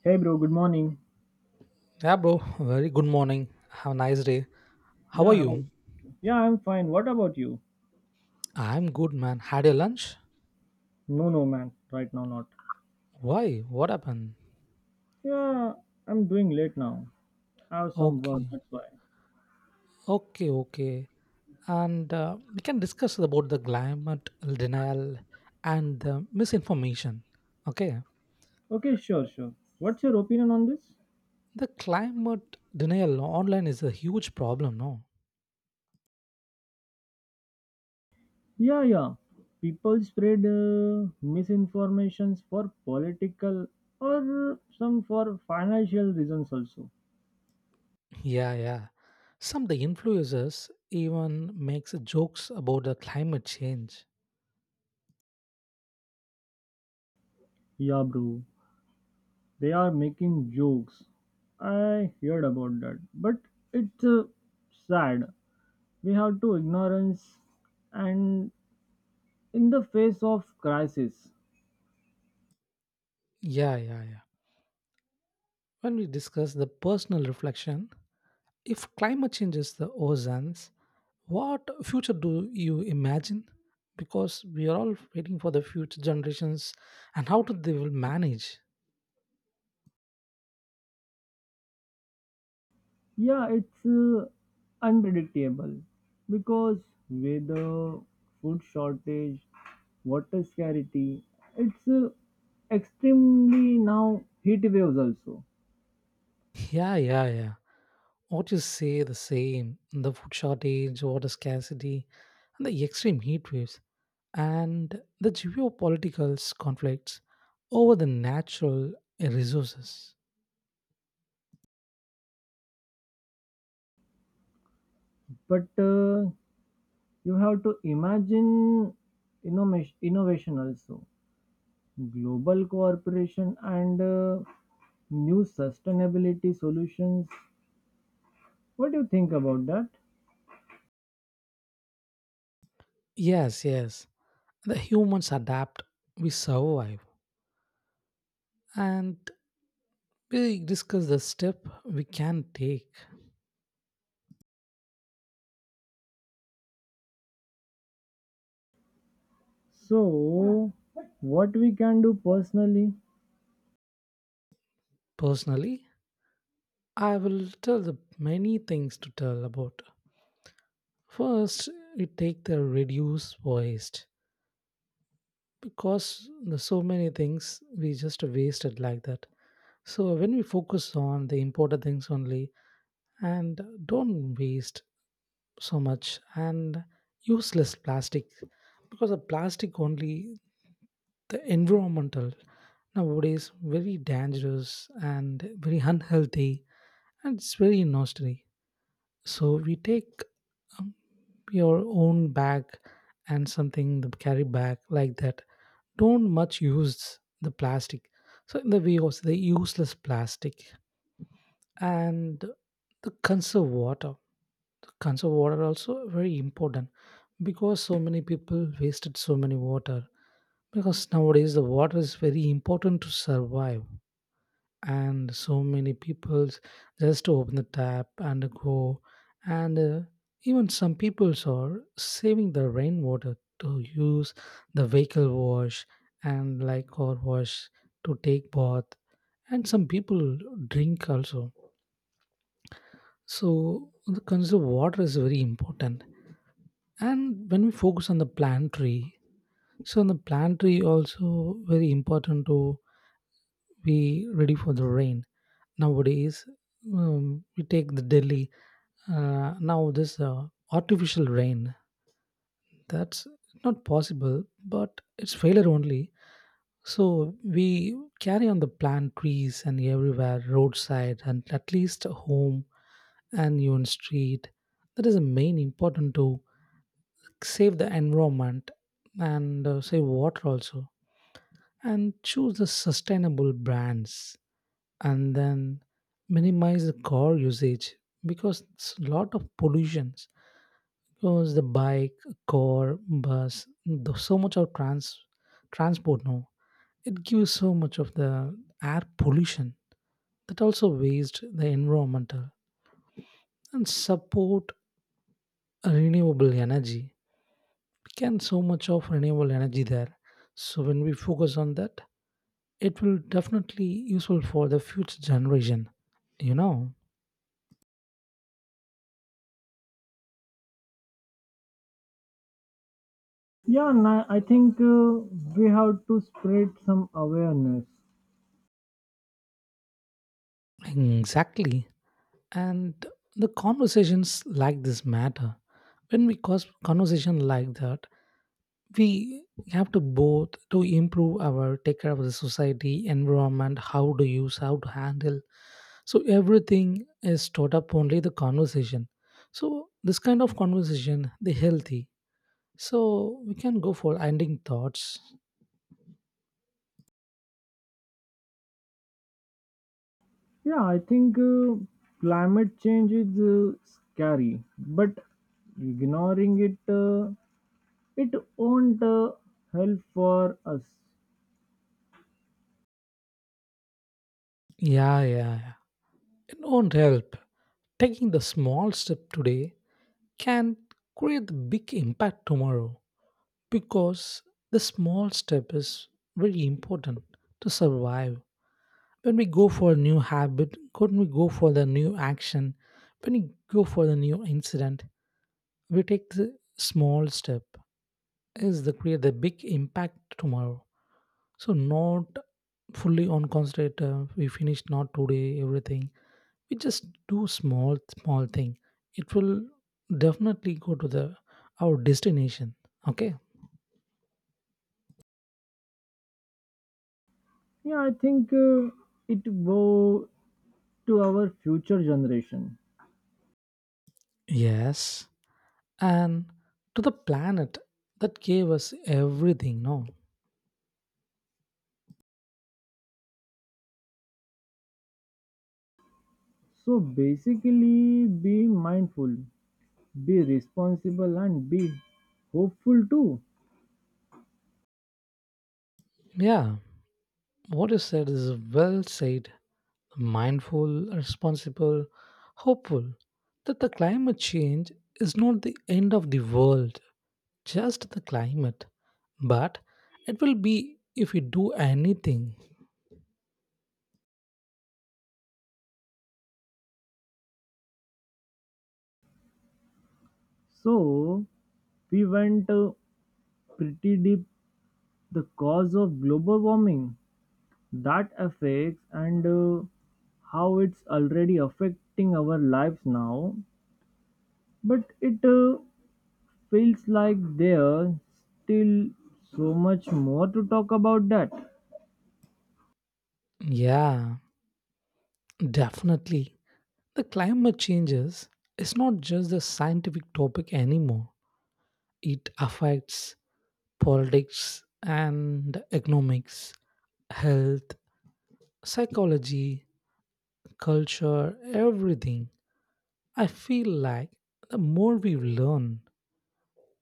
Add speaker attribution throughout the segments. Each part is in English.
Speaker 1: Hey bro, good morning.
Speaker 2: Yeah, bro. Very good morning. Have a nice day. How
Speaker 1: Yeah,
Speaker 2: are
Speaker 1: how about
Speaker 2: you?
Speaker 1: you? Yeah, I'm fine. What about you?
Speaker 2: I'm good, man. Had your lunch?
Speaker 1: No, no, man. Right now, not.
Speaker 2: Why? What happened?
Speaker 1: Yeah, I'm doing late now. I have some work,
Speaker 2: Okay.
Speaker 1: that's why.
Speaker 2: Okay, okay. And We can discuss about the climate denial and the misinformation. Okay.
Speaker 1: Okay, sure, sure. What's your opinion on this?
Speaker 2: The climate denial online is a huge problem, no?
Speaker 1: Yeah, yeah. People spread misinformations for political or some for financial reasons also.
Speaker 2: Yeah, yeah. Some of the influencers even makes jokes about the climate change.
Speaker 1: Yeah, bro. They are making jokes. I heard about that, but it's sad. We have to ignorance and in the face of crisis.
Speaker 2: Yeah, yeah, yeah. When we discuss the personal reflection, if climate changes the oceans, what future do you imagine? Because we are all waiting for the future generations and how do they will manage.
Speaker 1: Yeah, it's unpredictable because weather, food shortage, water scarcity. It's Extremely now heat waves also.
Speaker 2: Yeah, yeah, yeah. What you say the same. The food shortage, water scarcity, and the extreme heat waves, and the geopolitical conflicts over the natural resources.
Speaker 1: But you have to imagine innovation, also, global cooperation and new sustainability solutions. What do you think about that?
Speaker 2: Yes, yes. The humans adapt, we survive. And we discuss the step we can take.
Speaker 1: So, what we can do personally?
Speaker 2: Personally, I will tell the many things to tell about. First, we take the reduce waste because there's so many things we just wasted like that. So when we focus on the important things only and don't waste so much and useless plastic, because of plastic only the environmental nowadays very dangerous and very unhealthy, and it's very nostalgic. So we take um, your own bag and something the carry bag like that. Don't much use the plastic. So in the way also the useless plastic and the conserve water. The conserve water also very important because so many people wasted so many water, because nowadays the water is very important to survive and so many peoples just open the tap and go and even some peoples are saving the rainwater to use the vehicle wash and like car wash, to take bath, and some people drink also. So the conserve water is very important. And when we focus on the plantry, so in the plantry also very important to be ready for the rain nowadays. We take the Delhi, now this artificial rain, that's not possible but it's failure only. So we carry on the plant trees and everywhere roadside and at least home and even street. That is the main important to save the environment and save water also, and choose the sustainable brands, and then minimize the car usage because it's a lot of pollutions, because the bike, car, bus, so much of transport now, it gives so much of the air pollution, that also waste the environmental. And support renewable energy, we can so much of renewable energy there. So when we focus on that, it will definitely useful for the future generation you know
Speaker 1: I think we have to spread some awareness.
Speaker 2: exactly. And the conversations like this matter. When we cause conversation like that, we have to both to improve our take care of the society environment, how to use, how to handle. So everything is taught up only the conversation. So this kind of conversation the healthy. So we can go for ending thoughts.
Speaker 1: Yeah, I think climate change is scary, but ignoring it, it won't help for us.
Speaker 2: Yeah, yeah, yeah. It won't help. Taking the small step today can create the big impact tomorrow, because the small step is very important to survive. When we go for a new habit, when we go for the new action, when we go for the new incident, we take the small step is the create the big impact tomorrow. So not fully on concentrate. We finish not today everything. We just do small small thing. It will definitely go to the our destination. Okay.
Speaker 1: Yeah, I think it go to our future generation.
Speaker 2: Yes. And to the planet that gave us everything, no.
Speaker 1: So basically, be mindful, be responsible, and be hopeful too.
Speaker 2: Yeah, what you said is well said. Mindful, responsible, hopeful. That the climate change is not the end of the world, just the climate, but it will be if we do anything.
Speaker 1: So we went pretty deep the cause of global warming that affects and how it's already affecting our lives now, but it feels like there's still so much more to talk about that.
Speaker 2: Yeah, definitely. The climate changes is not just a scientific topic anymore. It affects politics and economics, health, psychology, culture, everything. I feel like the more we learn,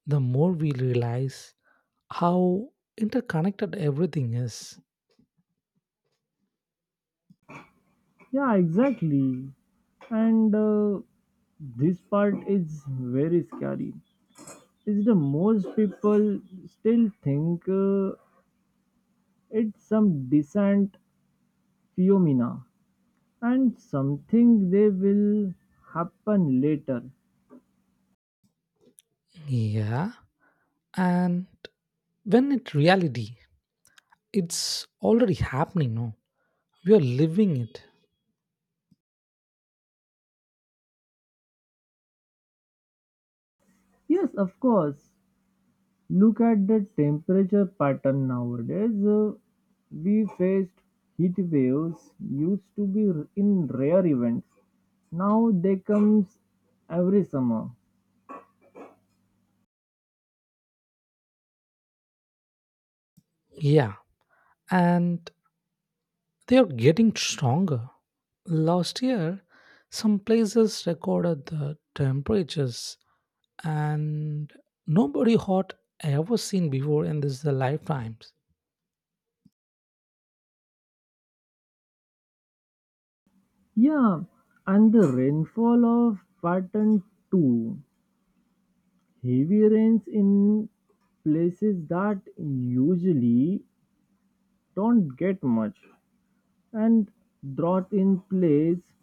Speaker 2: the more we realize how interconnected everything is.
Speaker 1: Yeah, exactly. And this part is very scary. Is the most people still think it's some decent Fiona, and something they will happen later.
Speaker 2: Yeah. And when it reality, it's already happening, no? We are living it.
Speaker 1: Yes, of course. Look at the temperature pattern nowadays. We faced heat waves used to be in rare events. Now they comes every summer.
Speaker 2: Yeah. And they are getting stronger. Last year, some places recorded the temperatures, and nobody hot ever seen before in this lifetimes.
Speaker 1: Yeah, and the rainfall of pattern 2. Heavy rains in places that usually don't get much, and brought in place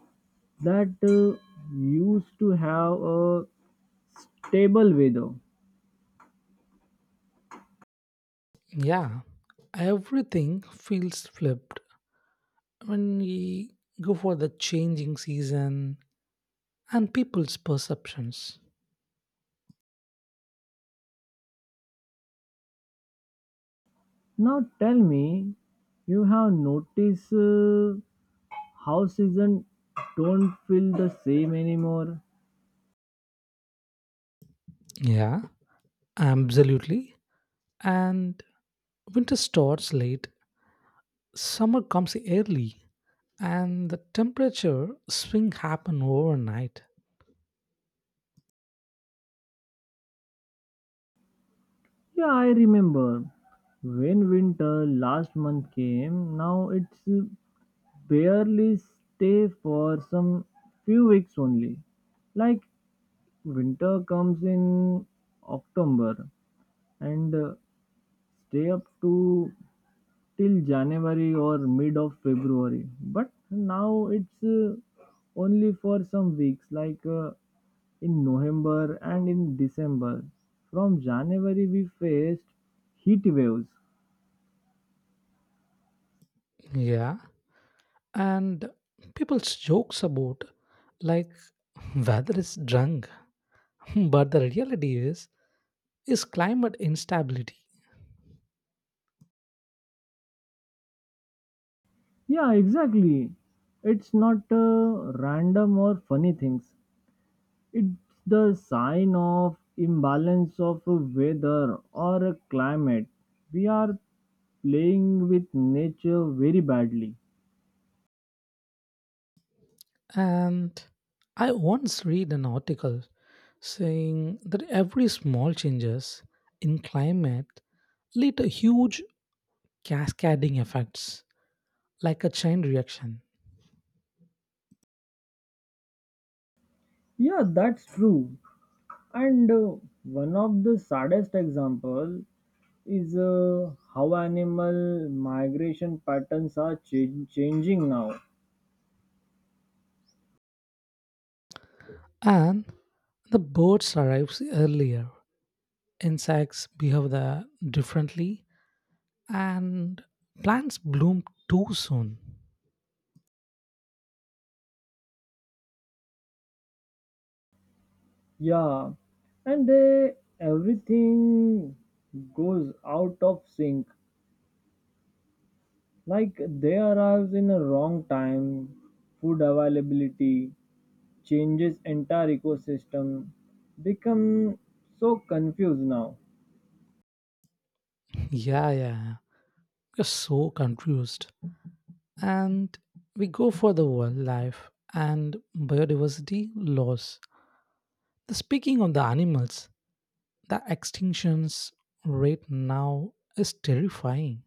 Speaker 1: that used to have a table weather.
Speaker 2: Yeah, everything feels flipped when we go for the changing season and people's perceptions.
Speaker 1: Now tell me, you have noticed how season don't feel the same anymore?
Speaker 2: Yeah, absolutely. And winter starts late, summer comes early, and the temperature swing happen overnight.
Speaker 1: Yeah, I remember when winter last month came. Now it's barely stay for some few weeks only, like winter comes in october and stay up to till January or mid of February. But now it's only for some weeks, like in November and in December. From January, we faced heat waves.
Speaker 2: Yeah. And people's jokes about like weather is drunk. But the reality is climate instability.
Speaker 1: Yeah, exactly. It's not random or funny things. It's the sign of imbalance of weather or climate. We are playing with nature very badly.
Speaker 2: And I once read an article saying that every small changes in climate lead to huge cascading effects like a chain reaction.
Speaker 1: Yeah, that's true. And one of the saddest example is how animal migration patterns are changing now.
Speaker 2: And the birds arrives earlier, insects behave the differently, and plants bloom too soon.
Speaker 1: Yeah, and they, everything goes out of sync. Like they arrives in a wrong time, food availability changes entire ecosystem, become so confused now.
Speaker 2: Yeah, yeah, you're so confused. And we go for the wildlife and biodiversity loss. The speaking of the animals, the extinctions rate now is terrifying.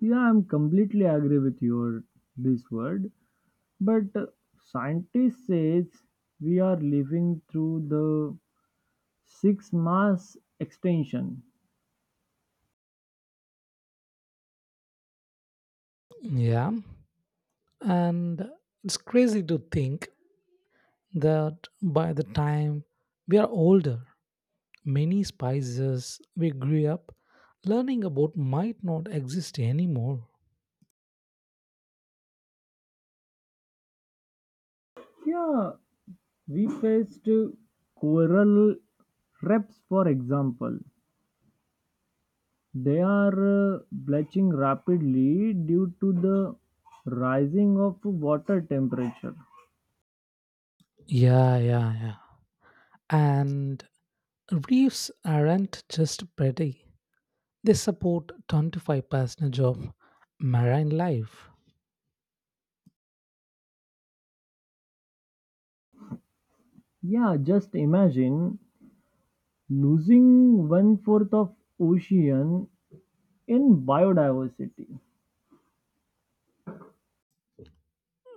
Speaker 1: Yeah, I'm completely agree with your this word. But scientists says we are living through the sixth mass extinction.
Speaker 2: Yeah, and it's crazy to think that by the time we are older, many spices we grew up learning about might not exist anymore.
Speaker 1: Yeah, we faced coral reefs, for example. They are bleaching rapidly due to the rising of water temperature.
Speaker 2: Yeah, yeah, yeah. And reefs aren't just pretty, they support 25% of marine life.
Speaker 1: Yeah, just imagine losing one fourth of ocean in biodiversity.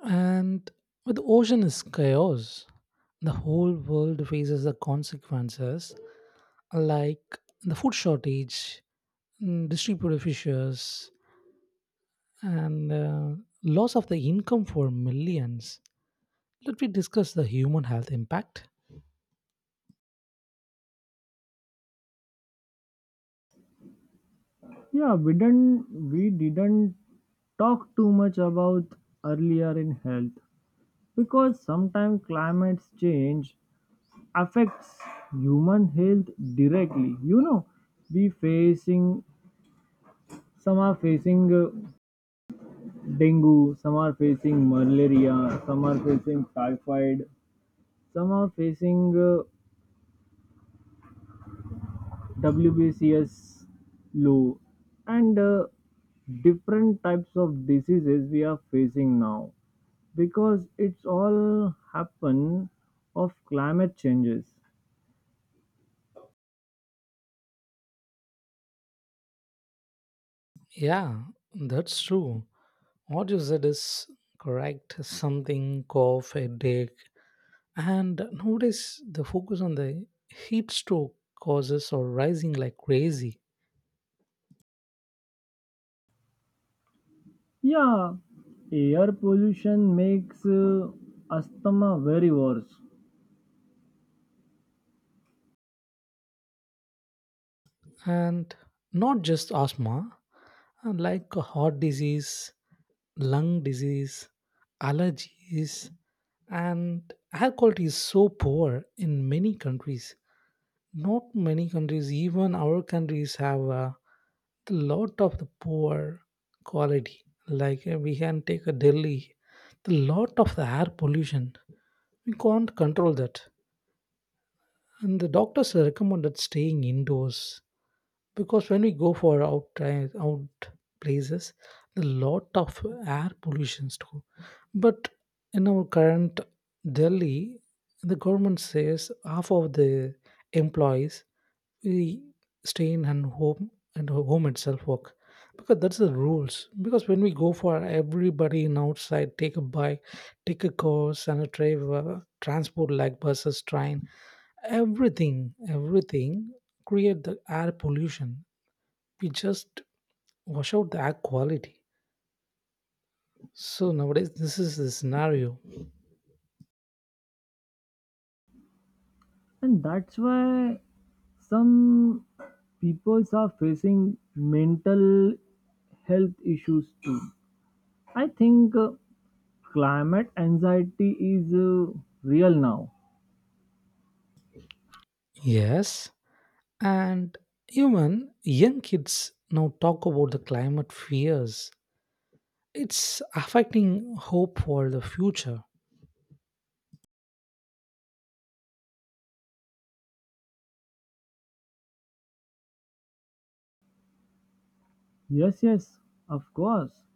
Speaker 2: And with the ocean is chaos, the whole world faces the consequences like the food shortage, distributed fissures, and loss of the income for millions. Let me discuss the human health impact.
Speaker 1: Yeah, we didn't talk too much about earlier in health because sometimes climate change affects human health directly, you know. We facing, some are facing dengue, some are facing malaria, some are facing typhoid, some are facing uh, wbcs low, and different types of diseases we are facing now because it's all happen of climate changes.
Speaker 2: Yeah, that's true. What you said is correct. Something cough, headache, and notice the focus on the heat stroke causes are rising like crazy.
Speaker 1: Yeah, air pollution makes asthma very worse,
Speaker 2: And not just asthma, and like heart disease, lung disease, allergies, and air quality is so poor in many countries. Not many countries, even our countries, have a lot of the poor quality. We can take a Delhi, the lot of the air pollution we can't control that. And the doctors recommended staying indoors, because when we go for out out places, a lot of air pollutions too. But in our current Delhi, the government says half of the employees we stay in and home and home itself work, because that's the rules, because when we go for everybody in outside take a bike, take a course and a driver transport like buses, train, everything, everything create the air pollution. We just wash out the air quality. So nowadays this is the scenario.
Speaker 1: and that's why some peoples are facing mental health issues too. I think climate anxiety is real now.
Speaker 2: Yes, and even young kids now talk about the climate fears. It's affecting hope for the future.
Speaker 1: Yes, yes, of course,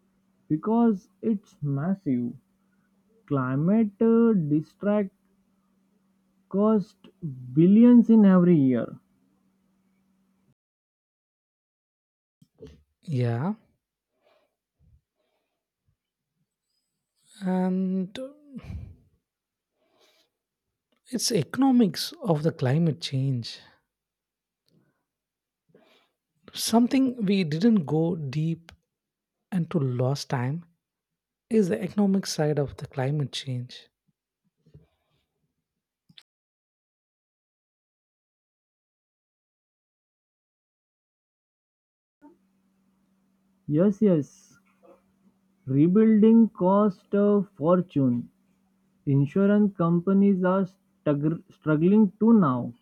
Speaker 1: because it's massive. Climate distract cost billions in every year.
Speaker 2: Yeah, and it's economics of the climate change. Something we didn't go deep into last time is the economic side of the climate change.
Speaker 1: Yes, yes. Rebuilding cost a fortune. Insurance companies are struggling too now.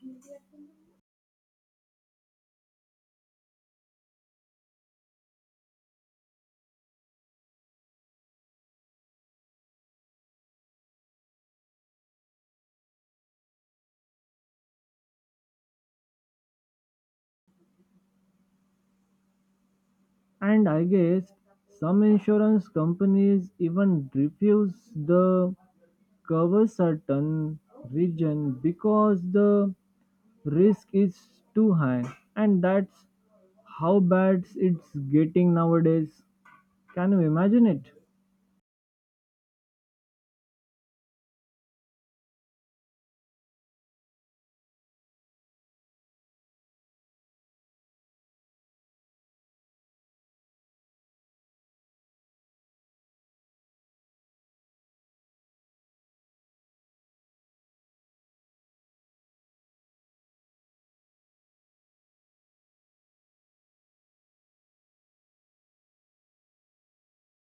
Speaker 1: And I guess some insurance companies even refuse the cover certain region because the risk is too high. And that's how bad it's getting nowadays. Can you imagine it?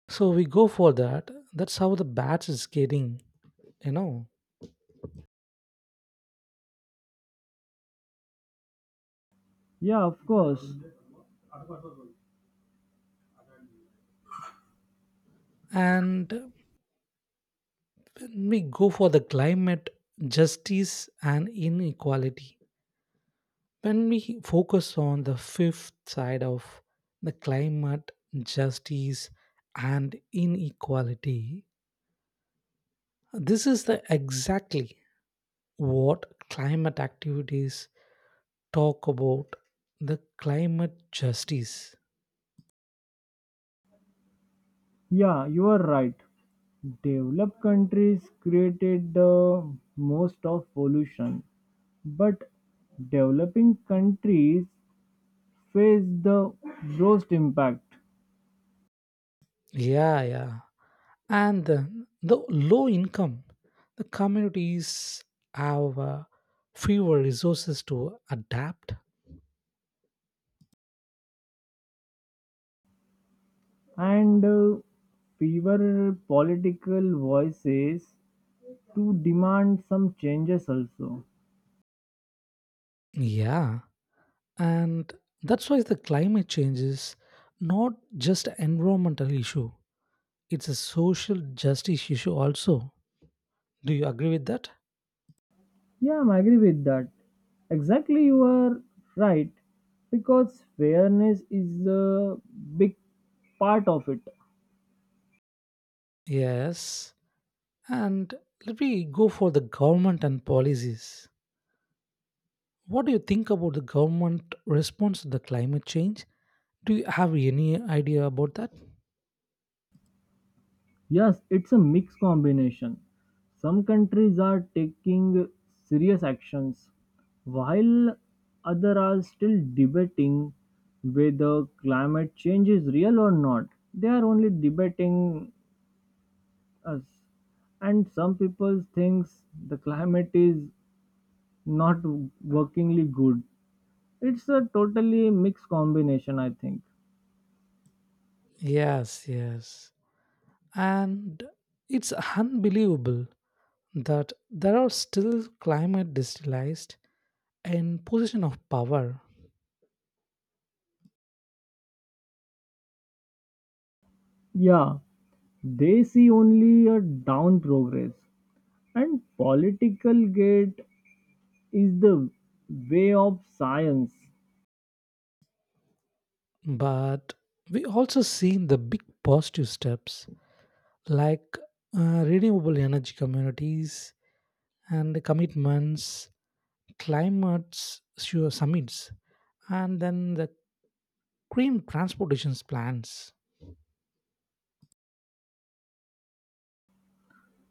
Speaker 2: So we go for that. That's how the batch is getting, you know.
Speaker 1: Yeah, of course.
Speaker 2: And when we go for the climate justice and inequality, when we focus on the fifth side of the climate justice and inequality, this is the exactly what climate activities talk about the climate justice.
Speaker 1: Yeah, you are right. Developed countries created the most of pollution, but developing countries face the worst impact,
Speaker 2: Yeah, yeah. And the low income, the communities have fewer resources to adapt.
Speaker 1: and fewer political voices to demand some changes also.
Speaker 2: Yeah, and that's why the climate change is not just an environmental issue, it's a social justice issue also. Do you agree with that?
Speaker 1: Yeah, I'm agree with that. Exactly, you are right because fairness is a big part of it.
Speaker 2: Yes. And let me go for the government and policies. What do you think about the government response to the climate change? Do you have any idea about that?
Speaker 1: Yes, it's a mixed combination. Some countries are taking serious actions, while others are still debating whether climate change is real or not. They are only debating us. And some people think the climate is not workingly good. It's a totally mixed combination, I think.
Speaker 2: Yes, yes. And it's unbelievable that there are still climate destillized in position of power.
Speaker 1: Yeah, they see only a down progress and political get is the way of science.
Speaker 2: But we also seen the big positive steps like renewable energy communities and commitments, climate sure summits, and then the green transportation plans.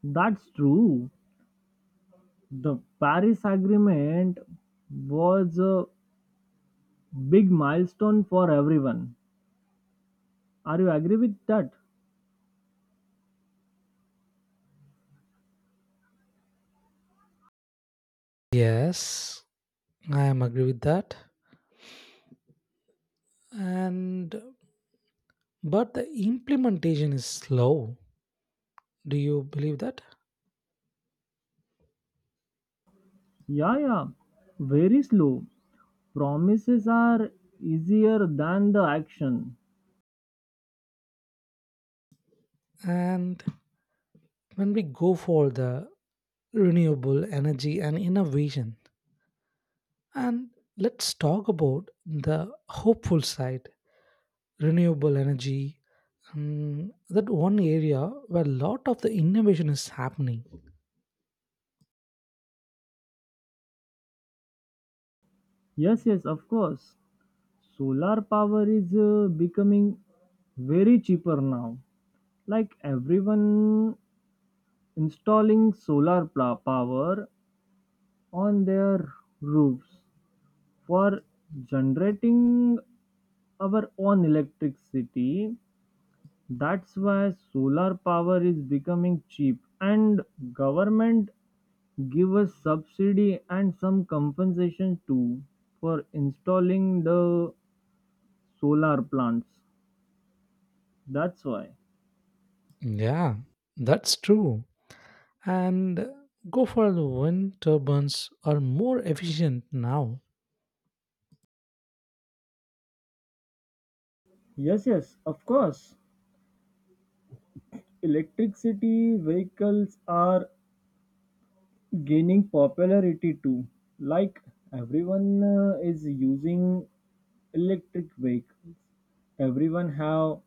Speaker 1: That's true. The Paris Agreement was a big milestone for everyone. Are you agree with that?
Speaker 2: Yes, I am agree with that. And but the implementation is slow. Do you believe that?
Speaker 1: Yeah, yeah. Very slow. Promises are easier than the action.
Speaker 2: And when we go for the renewable energy and innovation, and let's talk about the hopeful side renewable energy. That one area where a lot of the innovation is happening.
Speaker 1: Yes, yes, of course. Solar power is becoming very cheaper now. Like everyone installing solar power on their roofs for generating our own electricity. That's why solar power is becoming cheap and government give us subsidy and some compensation too for installing the solar plants. That's why.
Speaker 2: Yeah, that's true. And go for the wind turbines are more efficient now.
Speaker 1: Yes, yes, of course. Electricity vehicles are gaining popularity too. Like everyone is using electric vehicles. Everyone have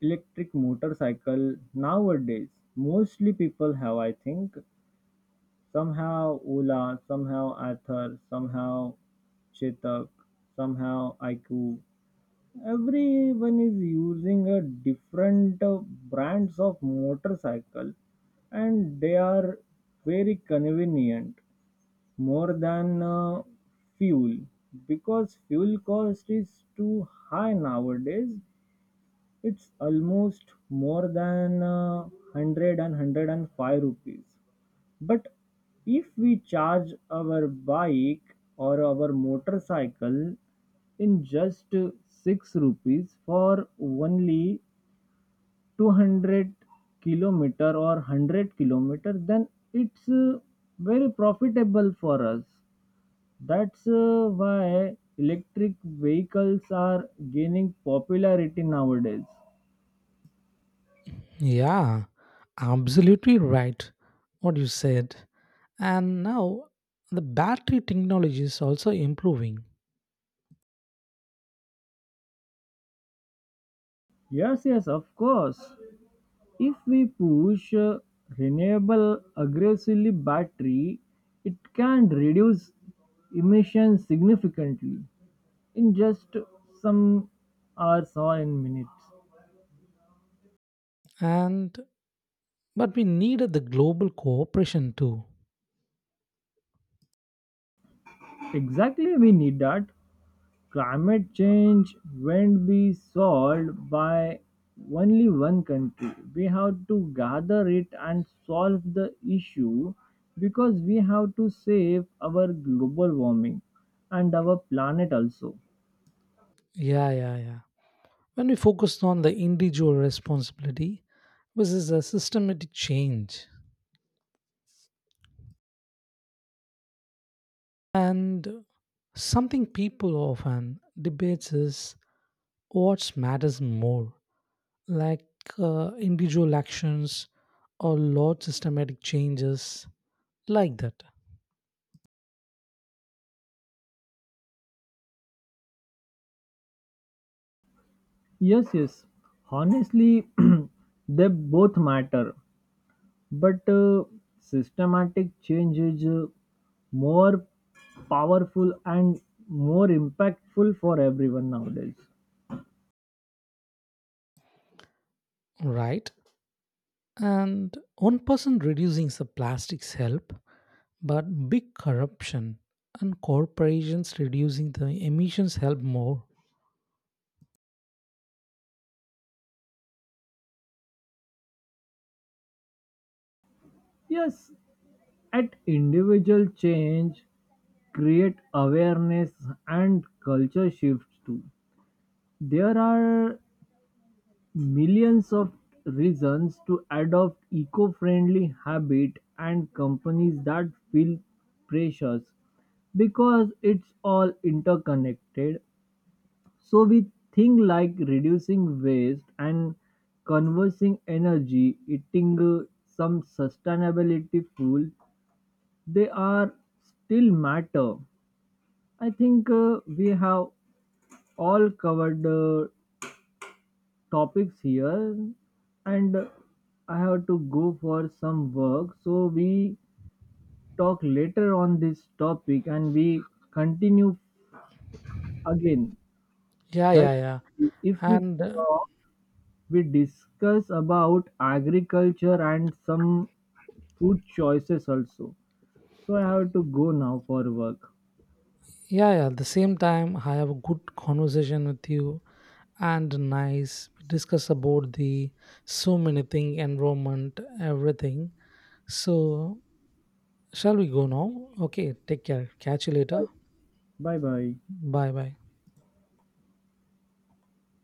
Speaker 1: electric motorcycle nowadays. Mostly people have, I think. Some have Ola, some have Arthur, some have Chetak, some have IQ. Everyone is using a different brands of motorcycle and they are very convenient more than fuel, because fuel cost is too high nowadays. It's almost more than 100 rupees, but if we charge our bike or our motorcycle in just 6 rupees for only 200 kilometer or 100 kilometer, then it's very profitable for us. That's why electric vehicles are gaining popularity nowadays.
Speaker 2: Yeah, absolutely right. What you said. And now the battery technology is also improving.
Speaker 1: Yes, yes, of course. If we push renewable aggressively battery, it can reduce emissions significantly in just some hours or in minutes.
Speaker 2: And but we needed the global cooperation too.
Speaker 1: Exactly, we need that. Climate change won't be solved by only one country. We have to gather it and solve the issue because we have to save our global warming and our planet also.
Speaker 2: Yeah, yeah, yeah. When we focused on the individual responsibility versus a systematic change, and something people often debates is what matters more, like individual actions or large systematic changes, like that,
Speaker 1: Yes, yes. Honestly, they both matter, but systematic change is more powerful and more impactful for everyone nowadays.
Speaker 2: right? And one person reducing the plastics help, but big corruption and corporations reducing the emissions help more.
Speaker 1: Yes, at individual change create awareness and culture shifts too. There are millions of reasons to adopt eco-friendly habit and companies that feel pressures because it's all interconnected. So we think like reducing waste and conversing energy, eating some sustainability food, they are still matter. I think we have all covered topics here, and I have to go for some work. So we talk later on this topic, and we continue again.
Speaker 2: Yeah,
Speaker 1: Like
Speaker 2: yeah, yeah.
Speaker 1: if we
Speaker 2: And
Speaker 1: talk, we discuss about agriculture and some food choices also. So I have to go now for work.
Speaker 2: Yeah, yeah, at the same time, I have a good conversation with you and nice. We discuss about the so many thing, environment, everything. So, shall we go now? Okay, take care. Catch you later.
Speaker 1: Bye bye.
Speaker 2: Bye bye.